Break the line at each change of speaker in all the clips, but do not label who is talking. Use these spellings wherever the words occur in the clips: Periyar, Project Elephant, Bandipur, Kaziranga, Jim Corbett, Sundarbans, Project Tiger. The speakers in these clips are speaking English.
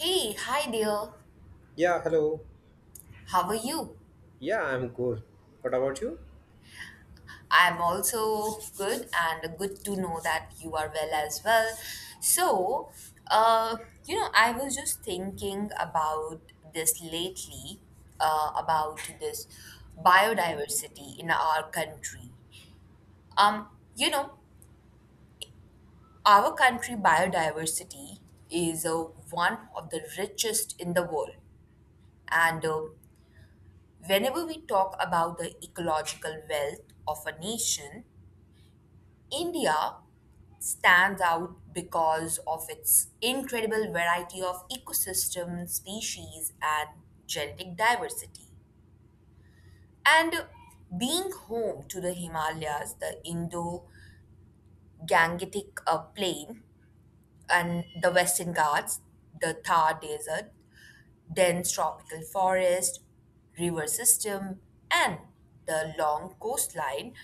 Hey, hi dear.
Yeah, hello.
How are you?
Yeah, I'm good. What about you?
I'm also good and good to know that you are well as well. So, uh, I was just thinking about this lately, about this biodiversity in our country. Um, you know, our country biodiversity is one of the richest in the world. And whenever we talk about the ecological wealth of a nation, India stands out because of its incredible variety of ecosystem, species, and genetic diversity. And being home to the Himalayas, the Indo Gangetic Plain, and the Western Ghats, the Thar Desert, dense tropical forest, river system, and the long coastline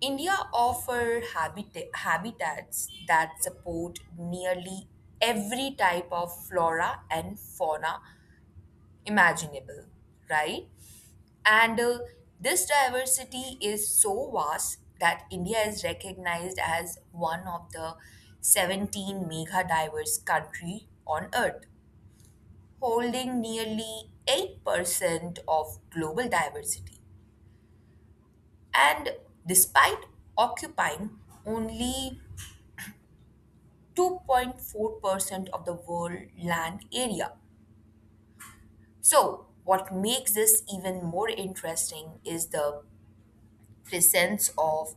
India offers habitats that support nearly every type of flora and fauna imaginable, right? And this diversity is so vast that India is recognized as one of the 17 mega diverse country on earth, holding nearly 8% of global diversity. And despite occupying only 2.4% of the world land area. So, what makes this even more interesting is the presence of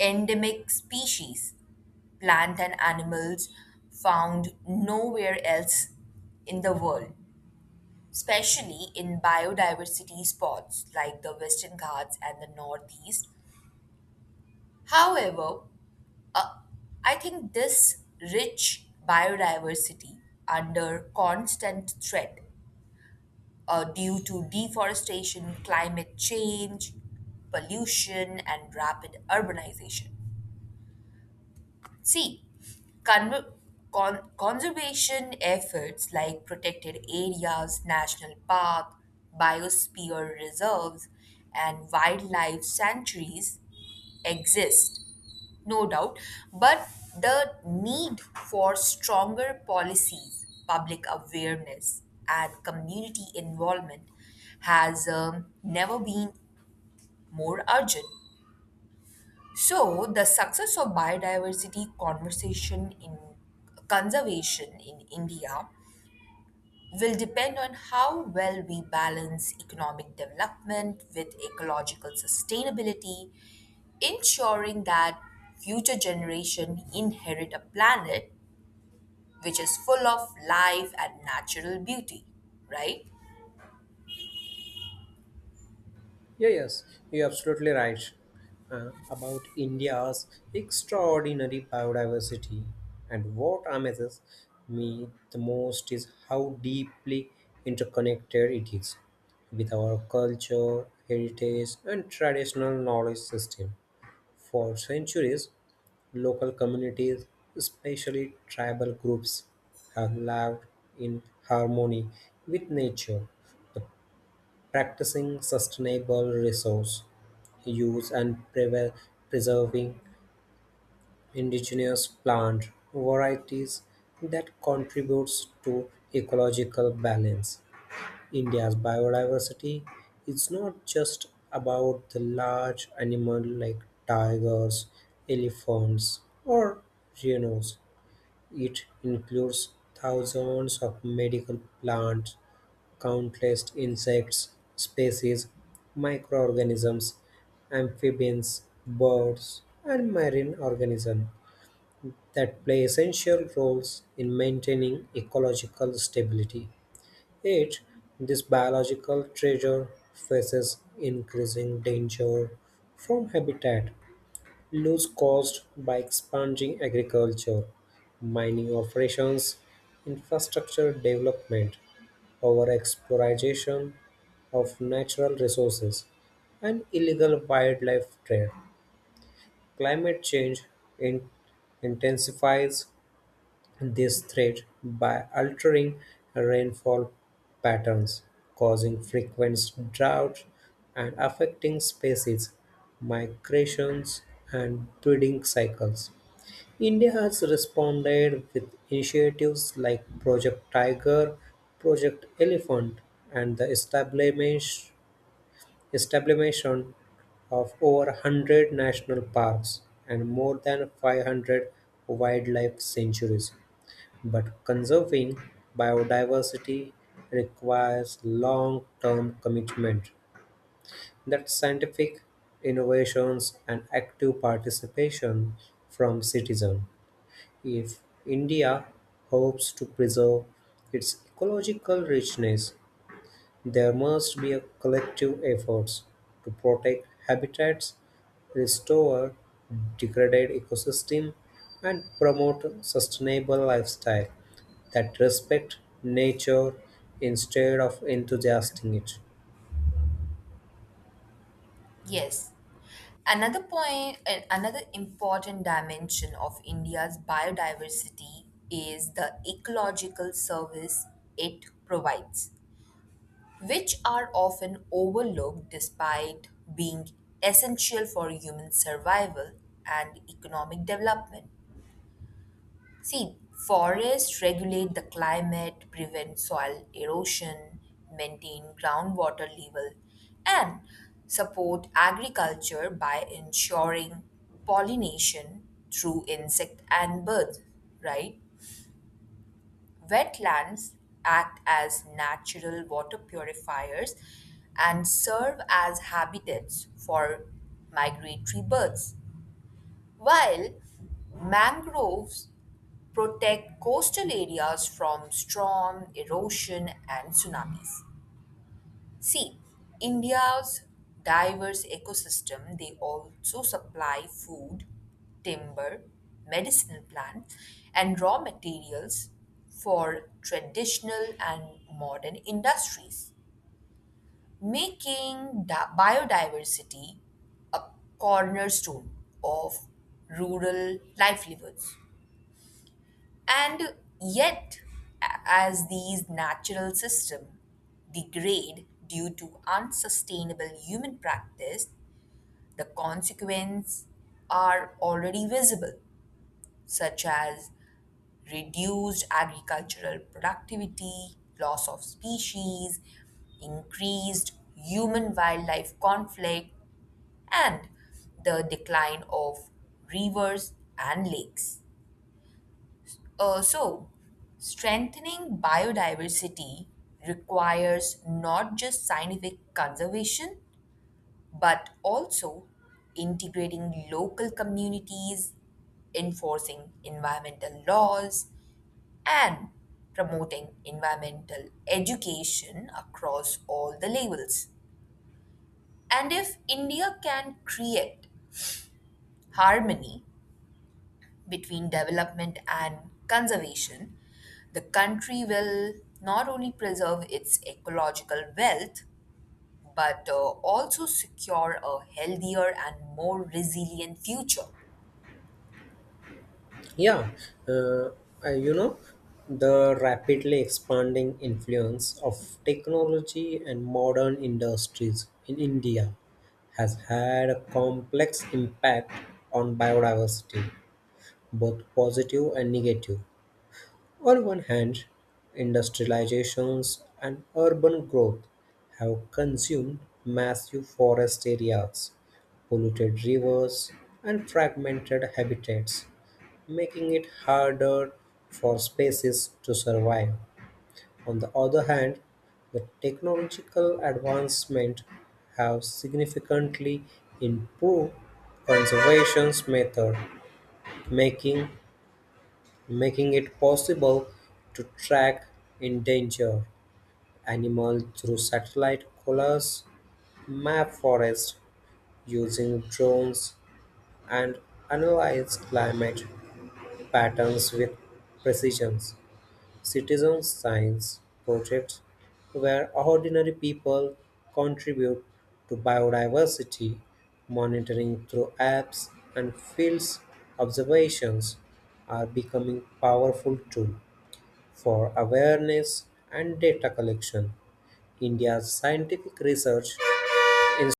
endemic species, plant and animals found nowhere else in the world, especially in biodiversity spots like the Western Ghats and the Northeast. However, uh, I think this rich biodiversity under constant threat due to deforestation, climate change, pollution, and rapid urbanization. C. Con- conservation efforts like protected areas, national park, biosphere reserves, and wildlife sanctuaries exist no doubt, but the need for stronger policies, public awareness, and community involvement has never been more urgent. So, the success of biodiversity conversation in conservation in India will depend on how well we balance economic development with ecological sustainability, ensuring that future generations inherit a planet which is full of life and natural beauty, right?
Yeah, yes, you're absolutely right about India's extraordinary biodiversity. And what amazes me the most is how deeply interconnected it is with our culture, heritage, and traditional knowledge system. For centuries, local communities, especially tribal groups, have lived in harmony with nature, the practicing sustainable resource use and preserving indigenous plant varieties that contributes to ecological balance. India's biodiversity is not just about the large animal like tigers, elephants, or rhinos. It includes thousands of medical plants, countless insects, species, microorganisms, amphibians, birds, and marine organisms that play essential roles in maintaining ecological stability. Yet, this biological treasure faces increasing danger from habitat loss caused by expanding agriculture, mining operations, infrastructure development, overexploitation of natural resources, and illegal wildlife trade. Climate change in- intensifies this threat by altering rainfall patterns, causing frequent drought and affecting species, migrations, and breeding cycles. India has responded with initiatives like Project Tiger, Project Elephant, and the establishment of over 100 national parks and more than 500 wildlife sanctuaries. But conserving biodiversity requires long-term commitment that scientific innovations and active participation from citizens. If India hopes to preserve its ecological richness, there must be a collective efforts to protect habitats, restore degraded ecosystem, and promote sustainable lifestyle that respect nature instead of enthusiasting it.
Yes. Another point, and another important dimension of India's biodiversity is the ecological service it provides which are often overlooked despite being essential for human survival and economic development. See, forests regulate the climate, prevent soil erosion, maintain groundwater level, and support agriculture by ensuring pollination through insect and birds, right? Wetlands act as natural water purifiers and serve as habitats for migratory birds, while mangroves protect coastal areas from storm, erosion, and tsunamis. See, India's diverse ecosystem, they also supply food, timber, medicinal plants, and raw materials for traditional and modern industries, making biodiversity a cornerstone of rural livelihoods. And yet, as these natural systems degrade due to unsustainable human practice, the consequences are already visible, such as reduced agricultural productivity, loss of species, increased human wildlife conflict, and the decline of rivers and lakes. So, strengthening biodiversity requires not just scientific conservation, but also integrating local communities, enforcing environmental laws, and promoting environmental education across all the levels. And if India can create harmony between development and conservation, the country will not only preserve its ecological wealth but also secure a healthier and more resilient future.
Yeah, uh, uh, you know, the rapidly expanding influence of technology and modern industries in India has had a complex impact on biodiversity, both positive and negative. On one hand, industrializations and urban growth have consumed massive forest areas, polluted rivers, and fragmented habitats, making it harder for species to survive. On the other hand, the technological advancement have significantly improved conservation's method, making making it possible to track endangered animals through satellite collars, map forests using drones, and analyze climate patterns with precision. Citizen science projects where ordinary people contribute to biodiversity monitoring through apps and fields observations are becoming powerful tools for awareness and data collection. India's scientific research institutes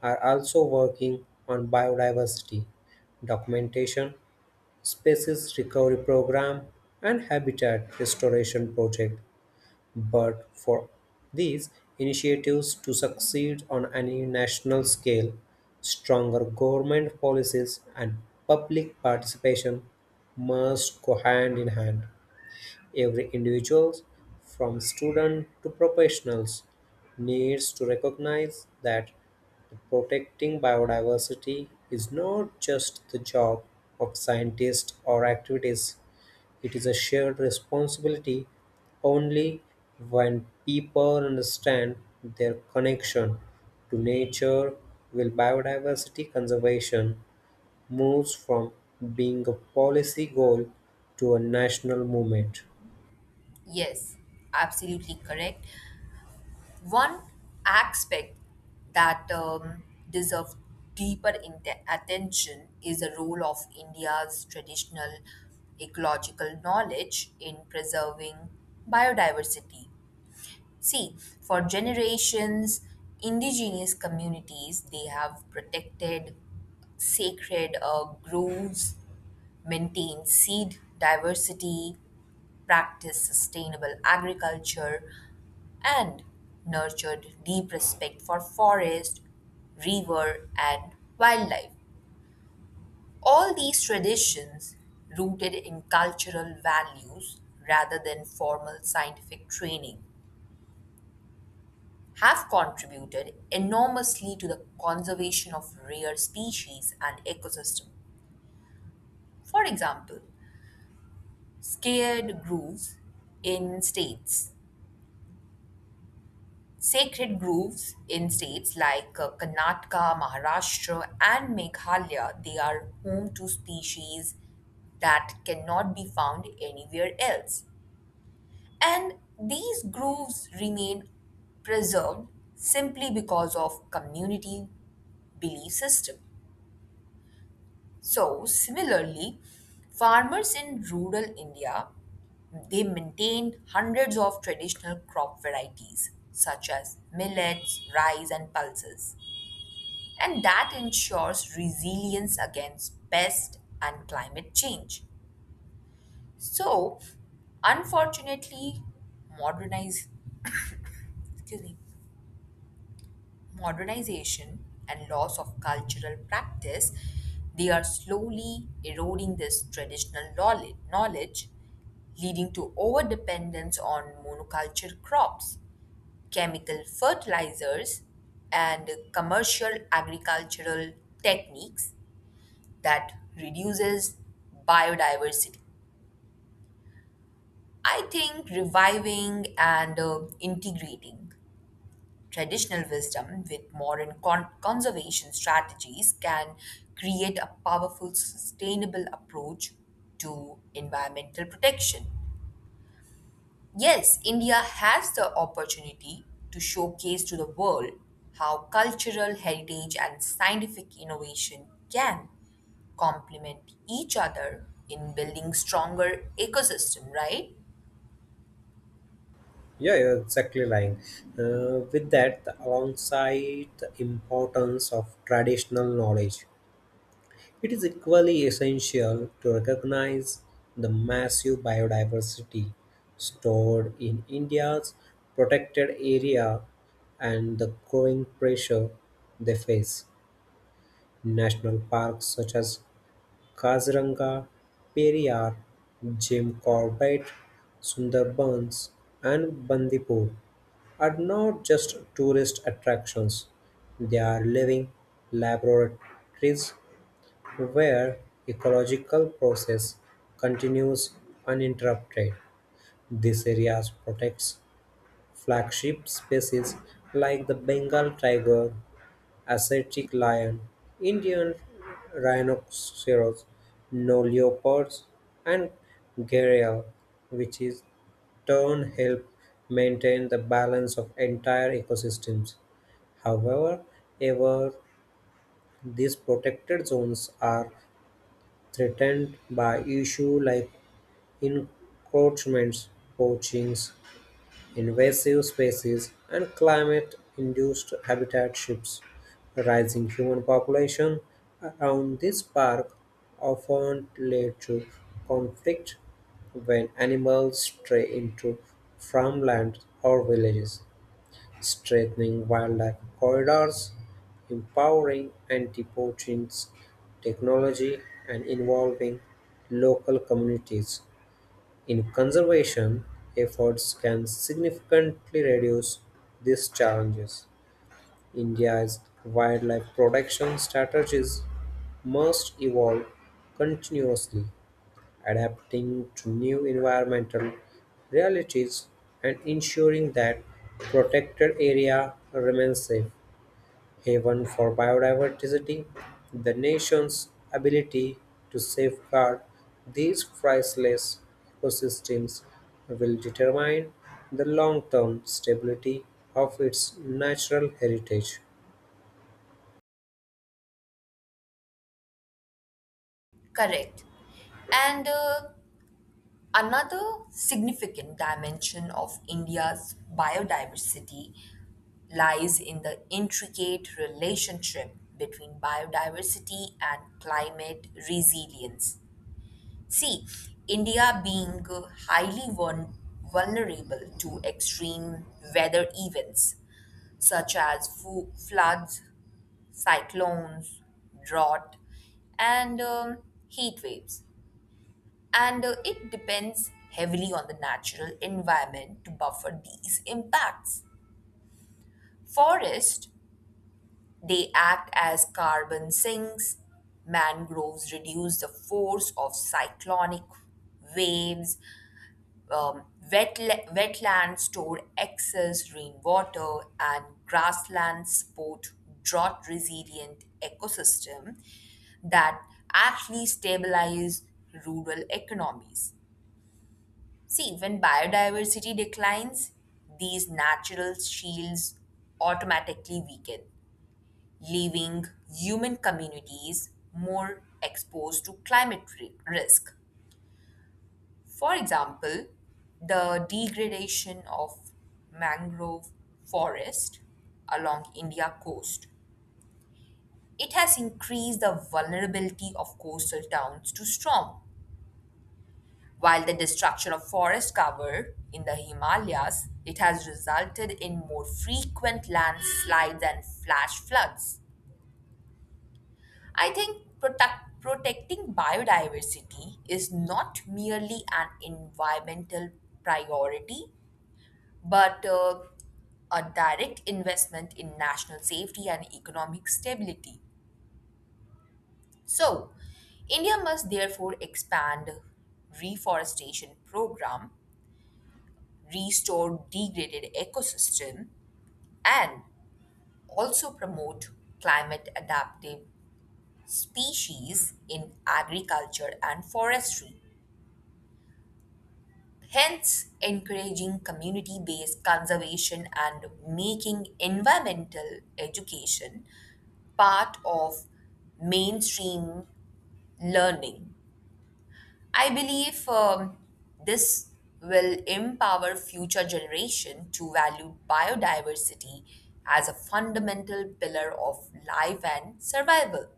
are also working on biodiversity documentation, species recovery program, and habitat restoration project. But for these initiatives to succeed on any national scale, stronger government policies and public participation must go hand in hand. Every individual, from student to professionals, needs to recognize that protecting biodiversity is not just the job of scientists or activists, it is a shared responsibility only when people understand their connection to nature will biodiversity conservation moves from being a policy goal to a national movement.
Yes, absolutely correct. One aspect that deserves deeper attention is the role of India's traditional ecological knowledge in preserving biodiversity. See, for generations, indigenous communities they have protected sacred groves, maintained seed diversity, practiced sustainable agriculture, and nurtured deep respect for forest, river, and wildlife. All these traditions, rooted in cultural values rather than formal scientific training, have contributed enormously to the conservation of rare species and ecosystem. For example, scared groves in states, sacred groves in states like Karnataka, Maharashtra, and Meghalaya, they are home to species that cannot be found anywhere else. And these groves remain preserved simply because of community belief system. So, similarly, farmers in rural India they maintained hundreds of traditional crop varieties such as millets, rice and pulses. And that ensures resilience against pest and climate change. So, unfortunately, modernized excuse me, modernization and loss of cultural practice, they are slowly eroding this traditional knowledge, leading to overdependence on monoculture crops, chemical fertilizers, and commercial agricultural techniques that reduces biodiversity. I think reviving and integrating traditional wisdom with modern conservation strategies can create a powerful, sustainable approach to environmental protection. Yes, India has the opportunity to showcase to the world how cultural heritage and scientific innovation can complement each other in building stronger ecosystem, right?
Yeah, you're exactly lying. With that, alongside the importance of traditional knowledge, it is equally essential to recognize the massive biodiversity stored in India's protected area and the growing pressure they face. National parks such as Kaziranga, Periyar, Jim Corbett, Sundarbans, and Bandipur are not just tourist attractions, they are living laboratories where ecological process continues uninterrupted. This area protects flagship species like the Bengal tiger, Asiatic lion, Indian rhinoceros, no leopards, and gharial, which is turn help maintain the balance of entire ecosystems. However, ever these protected zones are threatened by issues like encroachments, poaching, invasive species, and climate-induced habitat shifts. Rising human population around this park often lead to conflict when animals stray into farmland or villages strengthening wildlife corridors, empowering anti-poaching technology, and involving local communities in conservation efforts can significantly reduce these challenges. India's wildlife protection strategies must evolve continuously adapting to new environmental realities, and ensuring that protected area remains safe haven for biodiversity. The nation's ability to safeguard these priceless ecosystems will determine the long-term stability of its natural heritage.
Correct. And Another significant dimension of India's biodiversity lies in the intricate relationship between biodiversity and climate resilience. See, India being highly vulnerable to extreme weather events such as floods, cyclones, drought, and heat waves and it depends heavily on the natural environment to buffer these impacts. Forests, they act as carbon sinks, mangroves reduce the force of cyclonic waves, um, wetlands store excess rainwater, and grasslands support drought resilient ecosystem that actually stabilize rural economies. See, when biodiversity declines, these natural shields automatically weaken, leaving human communities more exposed to climate risk. For example, the degradation of mangrove forest along India coast. It has increased the vulnerability of coastal towns to storm. While the destruction of forest cover in the Himalayas, it has resulted in more frequent landslides and flash floods. I think protecting biodiversity is not merely an environmental priority, but a direct investment in national safety and economic stability. So, India must therefore expand reforestation program, restore degraded ecosystem, and also promote climate adaptive species in agriculture and forestry, hence encouraging community based conservation and making environmental education part of mainstream learning. I believe this will empower future generation to value biodiversity as a fundamental pillar of life and survival.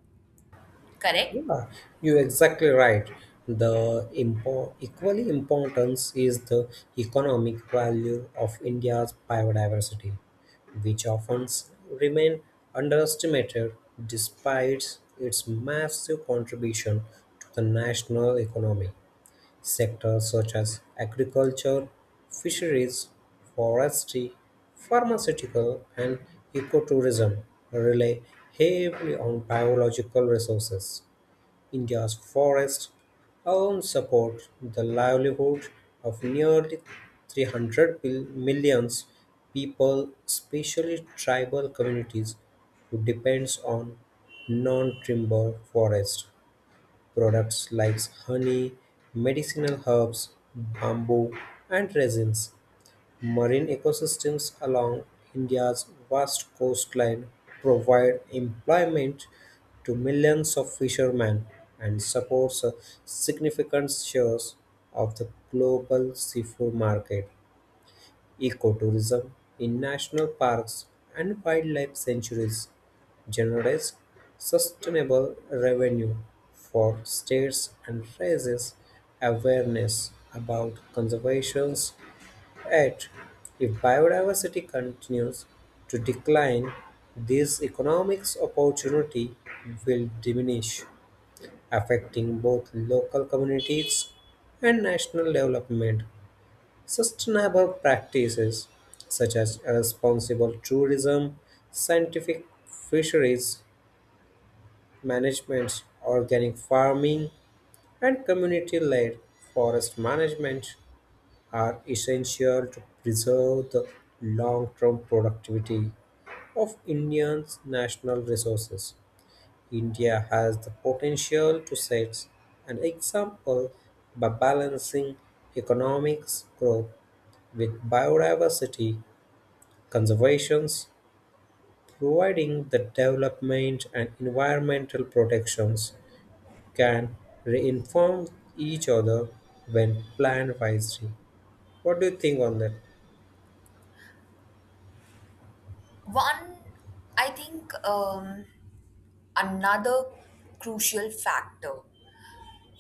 Correct?
Yeah, you're exactly right. The equally importance is the economic value of India's biodiversity, which often remain underestimated despite its massive contribution to the national economy. Sectors such as agriculture, fisheries, forestry, pharmaceutical, and ecotourism rely heavily on biological resources India's forests alone support the livelihood of nearly 300 million people, especially tribal communities who depends on non-timber forest products like honey, medicinal herbs, bamboo, and resins. Marine ecosystems along India's vast coastline provide employment to millions of fishermen and supports a significant share of the global seafood market. Ecotourism in national parks and wildlife sanctuaries generates sustainable revenue for states and raises awareness about conservation. Yet, if biodiversity continues to decline, this economic opportunity will diminish, affecting both local communities and national development. Sustainable practices such as responsible tourism, scientific fisheries management, organic farming, and community led forest management are essential to preserve the long term productivity of India's national resources. India has the potential to set an example by balancing economic growth with biodiversity Conservations, providing the development and environmental protections can reinform each other when planned wisely. What do you think on that?
One, I think another crucial factor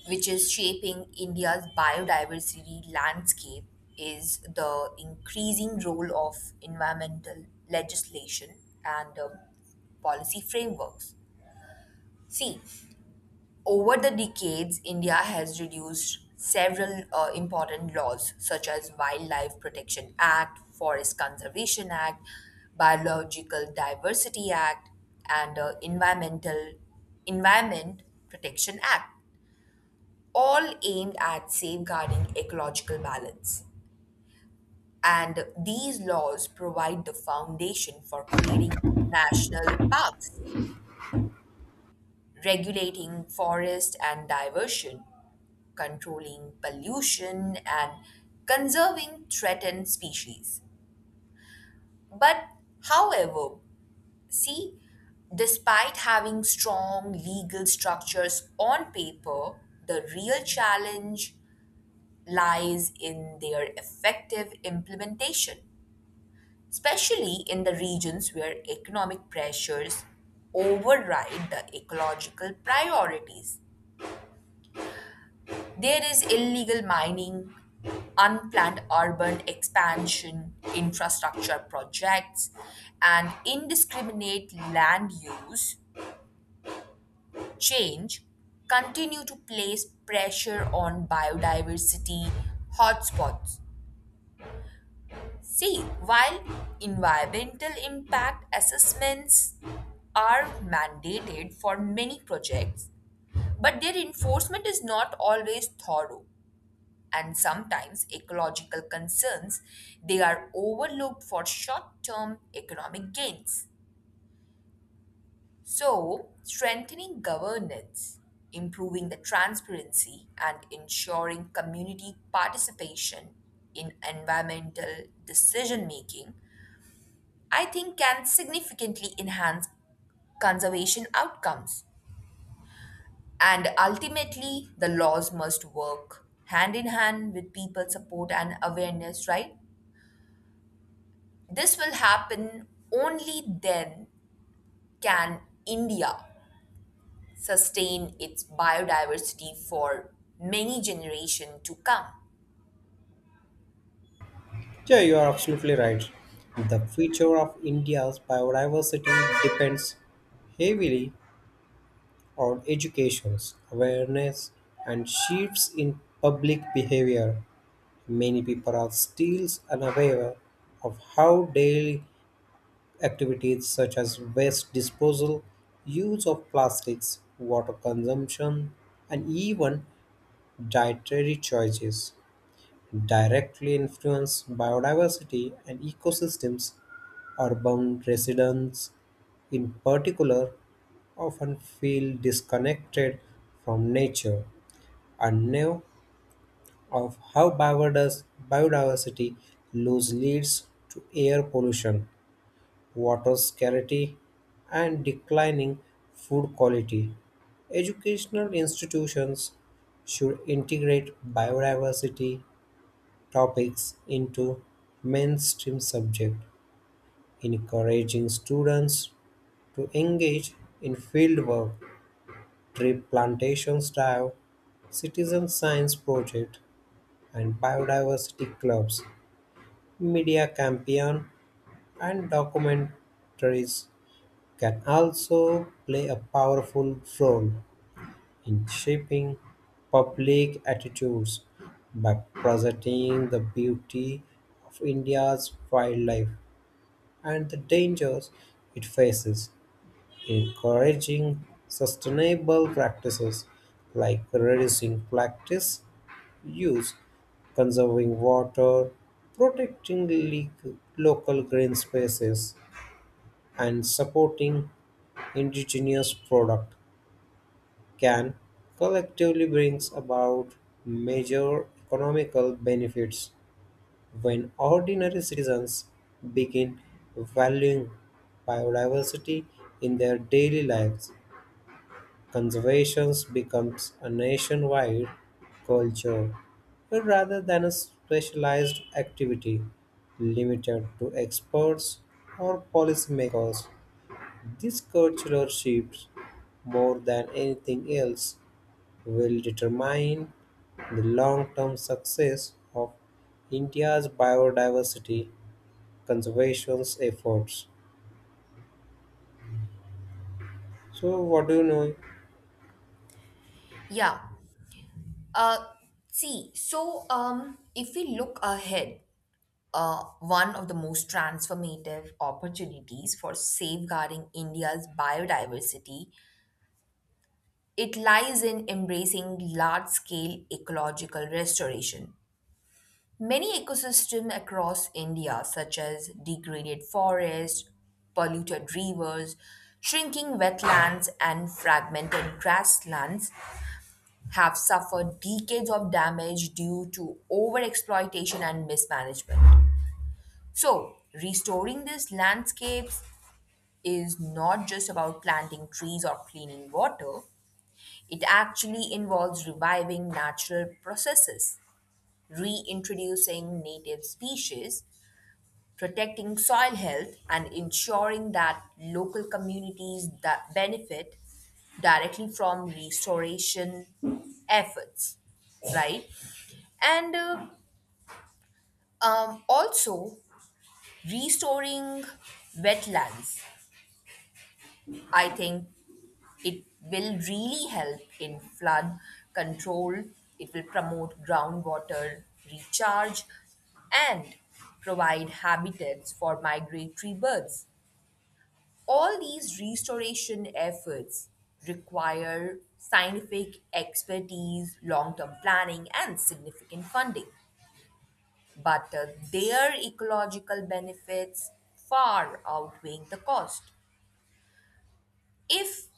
which is shaping India's biodiversity landscape is the increasing role of environmental legislation and policy frameworks. See, over the decades, India has reduced several important laws such as Wildlife Protection Act, Forest Conservation Act, Biological Diversity Act, and Environment Protection Act, all aimed at safeguarding ecological balance. And these laws provide the foundation for creating national parks, regulating forest and diversion, controlling pollution, and conserving threatened species. But, however, see, despite having strong legal structures on paper, the real challenge lies in their effective implementation, especially in the regions where economic pressures override the ecological priorities. There is illegal mining, unplanned urban expansion, infrastructure projects, and indiscriminate land use change continue to place pressure on biodiversity hotspots. See, while environmental impact assessments are mandated for many projects, but their enforcement is not always thorough. And sometimes ecological concerns, they are overlooked for short term economic gains. So, strengthening governance, improving the transparency, and ensuring community participation in environmental decision making, I think can significantly enhance conservation outcomes. And ultimately, the laws must work hand in hand with people support and awareness, right? This will happen only then can India sustain its biodiversity for many generations to come.
Yeah, you are absolutely right. The future of India's biodiversity depends heavily on education, awareness, and shifts in public behavior. Many people are still unaware of how daily Activities such as waste disposal, use of plastics, water consumption, and even dietary choices directly influence biodiversity and ecosystems. Urban residents, in particular, often feel disconnected from nature, unaware of how biodiversity loss leads to air pollution water scarcity, and declining food quality. Educational institutions should integrate biodiversity topics into mainstream subject, encouraging students to engage in fieldwork, tree plantation drive, citizen science project, and biodiversity clubs, media campaign, and documentaries can also play a powerful role in shaping public attitudes by presenting the beauty of India's wildlife and the dangers it faces, encouraging sustainable practices like reducing plastic use, conserving water, protecting local green spaces, and supporting indigenous products can collectively brings about major economical benefits when ordinary citizens begin valuing biodiversity in their daily lives. Conservation becomes a nationwide culture rather than a specialized activity limited to experts or policymakers. This cultural shift, more than anything else, will determine the long-term success of India's biodiversity conservation efforts. So, what do you know?
Yeah. Uh, see, so if we look ahead, one of the most transformative opportunities for safeguarding India's biodiversity, it lies in embracing large-scale ecological restoration. Many ecosystems across India, such as degraded forests, polluted rivers, shrinking wetlands, and fragmented grasslands, have suffered decades of damage due to overexploitation and mismanagement. So, restoring these landscapes is not just about planting trees or cleaning water, it actually involves reviving natural processes, reintroducing native species, protecting soil health, and ensuring that local communities that benefit directly from restoration efforts, right? and also restoring wetlands, I think it will really help in flood control, it will promote groundwater recharge and provide habitats for migratory birds. All these restoration efforts require scientific expertise, long term planning, and significant funding. But their ecological benefits far outweighing the cost. If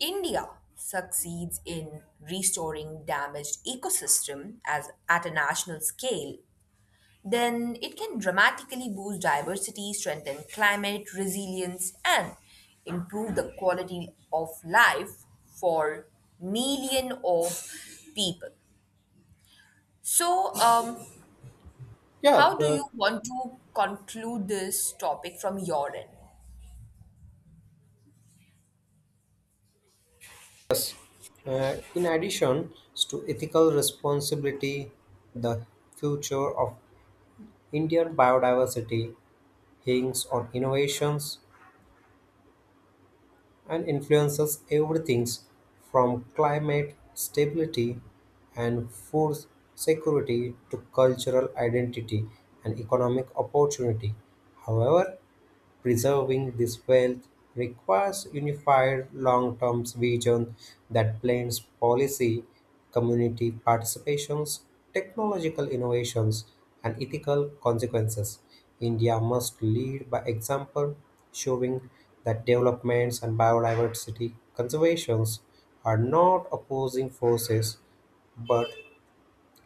India succeeds in restoring damaged ecosystem as at a national scale, then it can dramatically boost diversity, strengthen climate resilience, and improve the quality of life for million of people. So, um,
Yeah,
how do
the,
you want to conclude this topic from your end?
in addition to ethical responsibility, the future of Indian biodiversity hangs on innovations and influences everything from climate stability and food security to cultural identity and economic opportunity. However, Preserving this wealth requires unified long-term vision that blends policy, community participations, technological innovations, and ethical consequences. India must lead by example, showing that developments and biodiversity conservations are not opposing forces but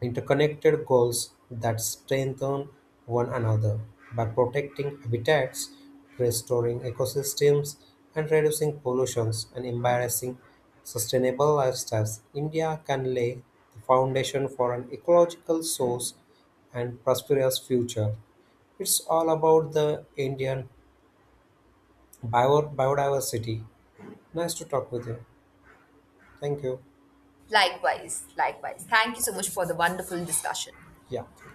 Interconnected goals that strengthen one another by protecting habitats, restoring ecosystems, and reducing pollutions and embracing sustainable lifestyles, India can lay the foundation for an ecological source and prosperous future. It's all about the Indian biodiversity. Nice to talk with you. Thank you.
Likewise, likewise. Thank you so much for the wonderful discussion.
Yeah.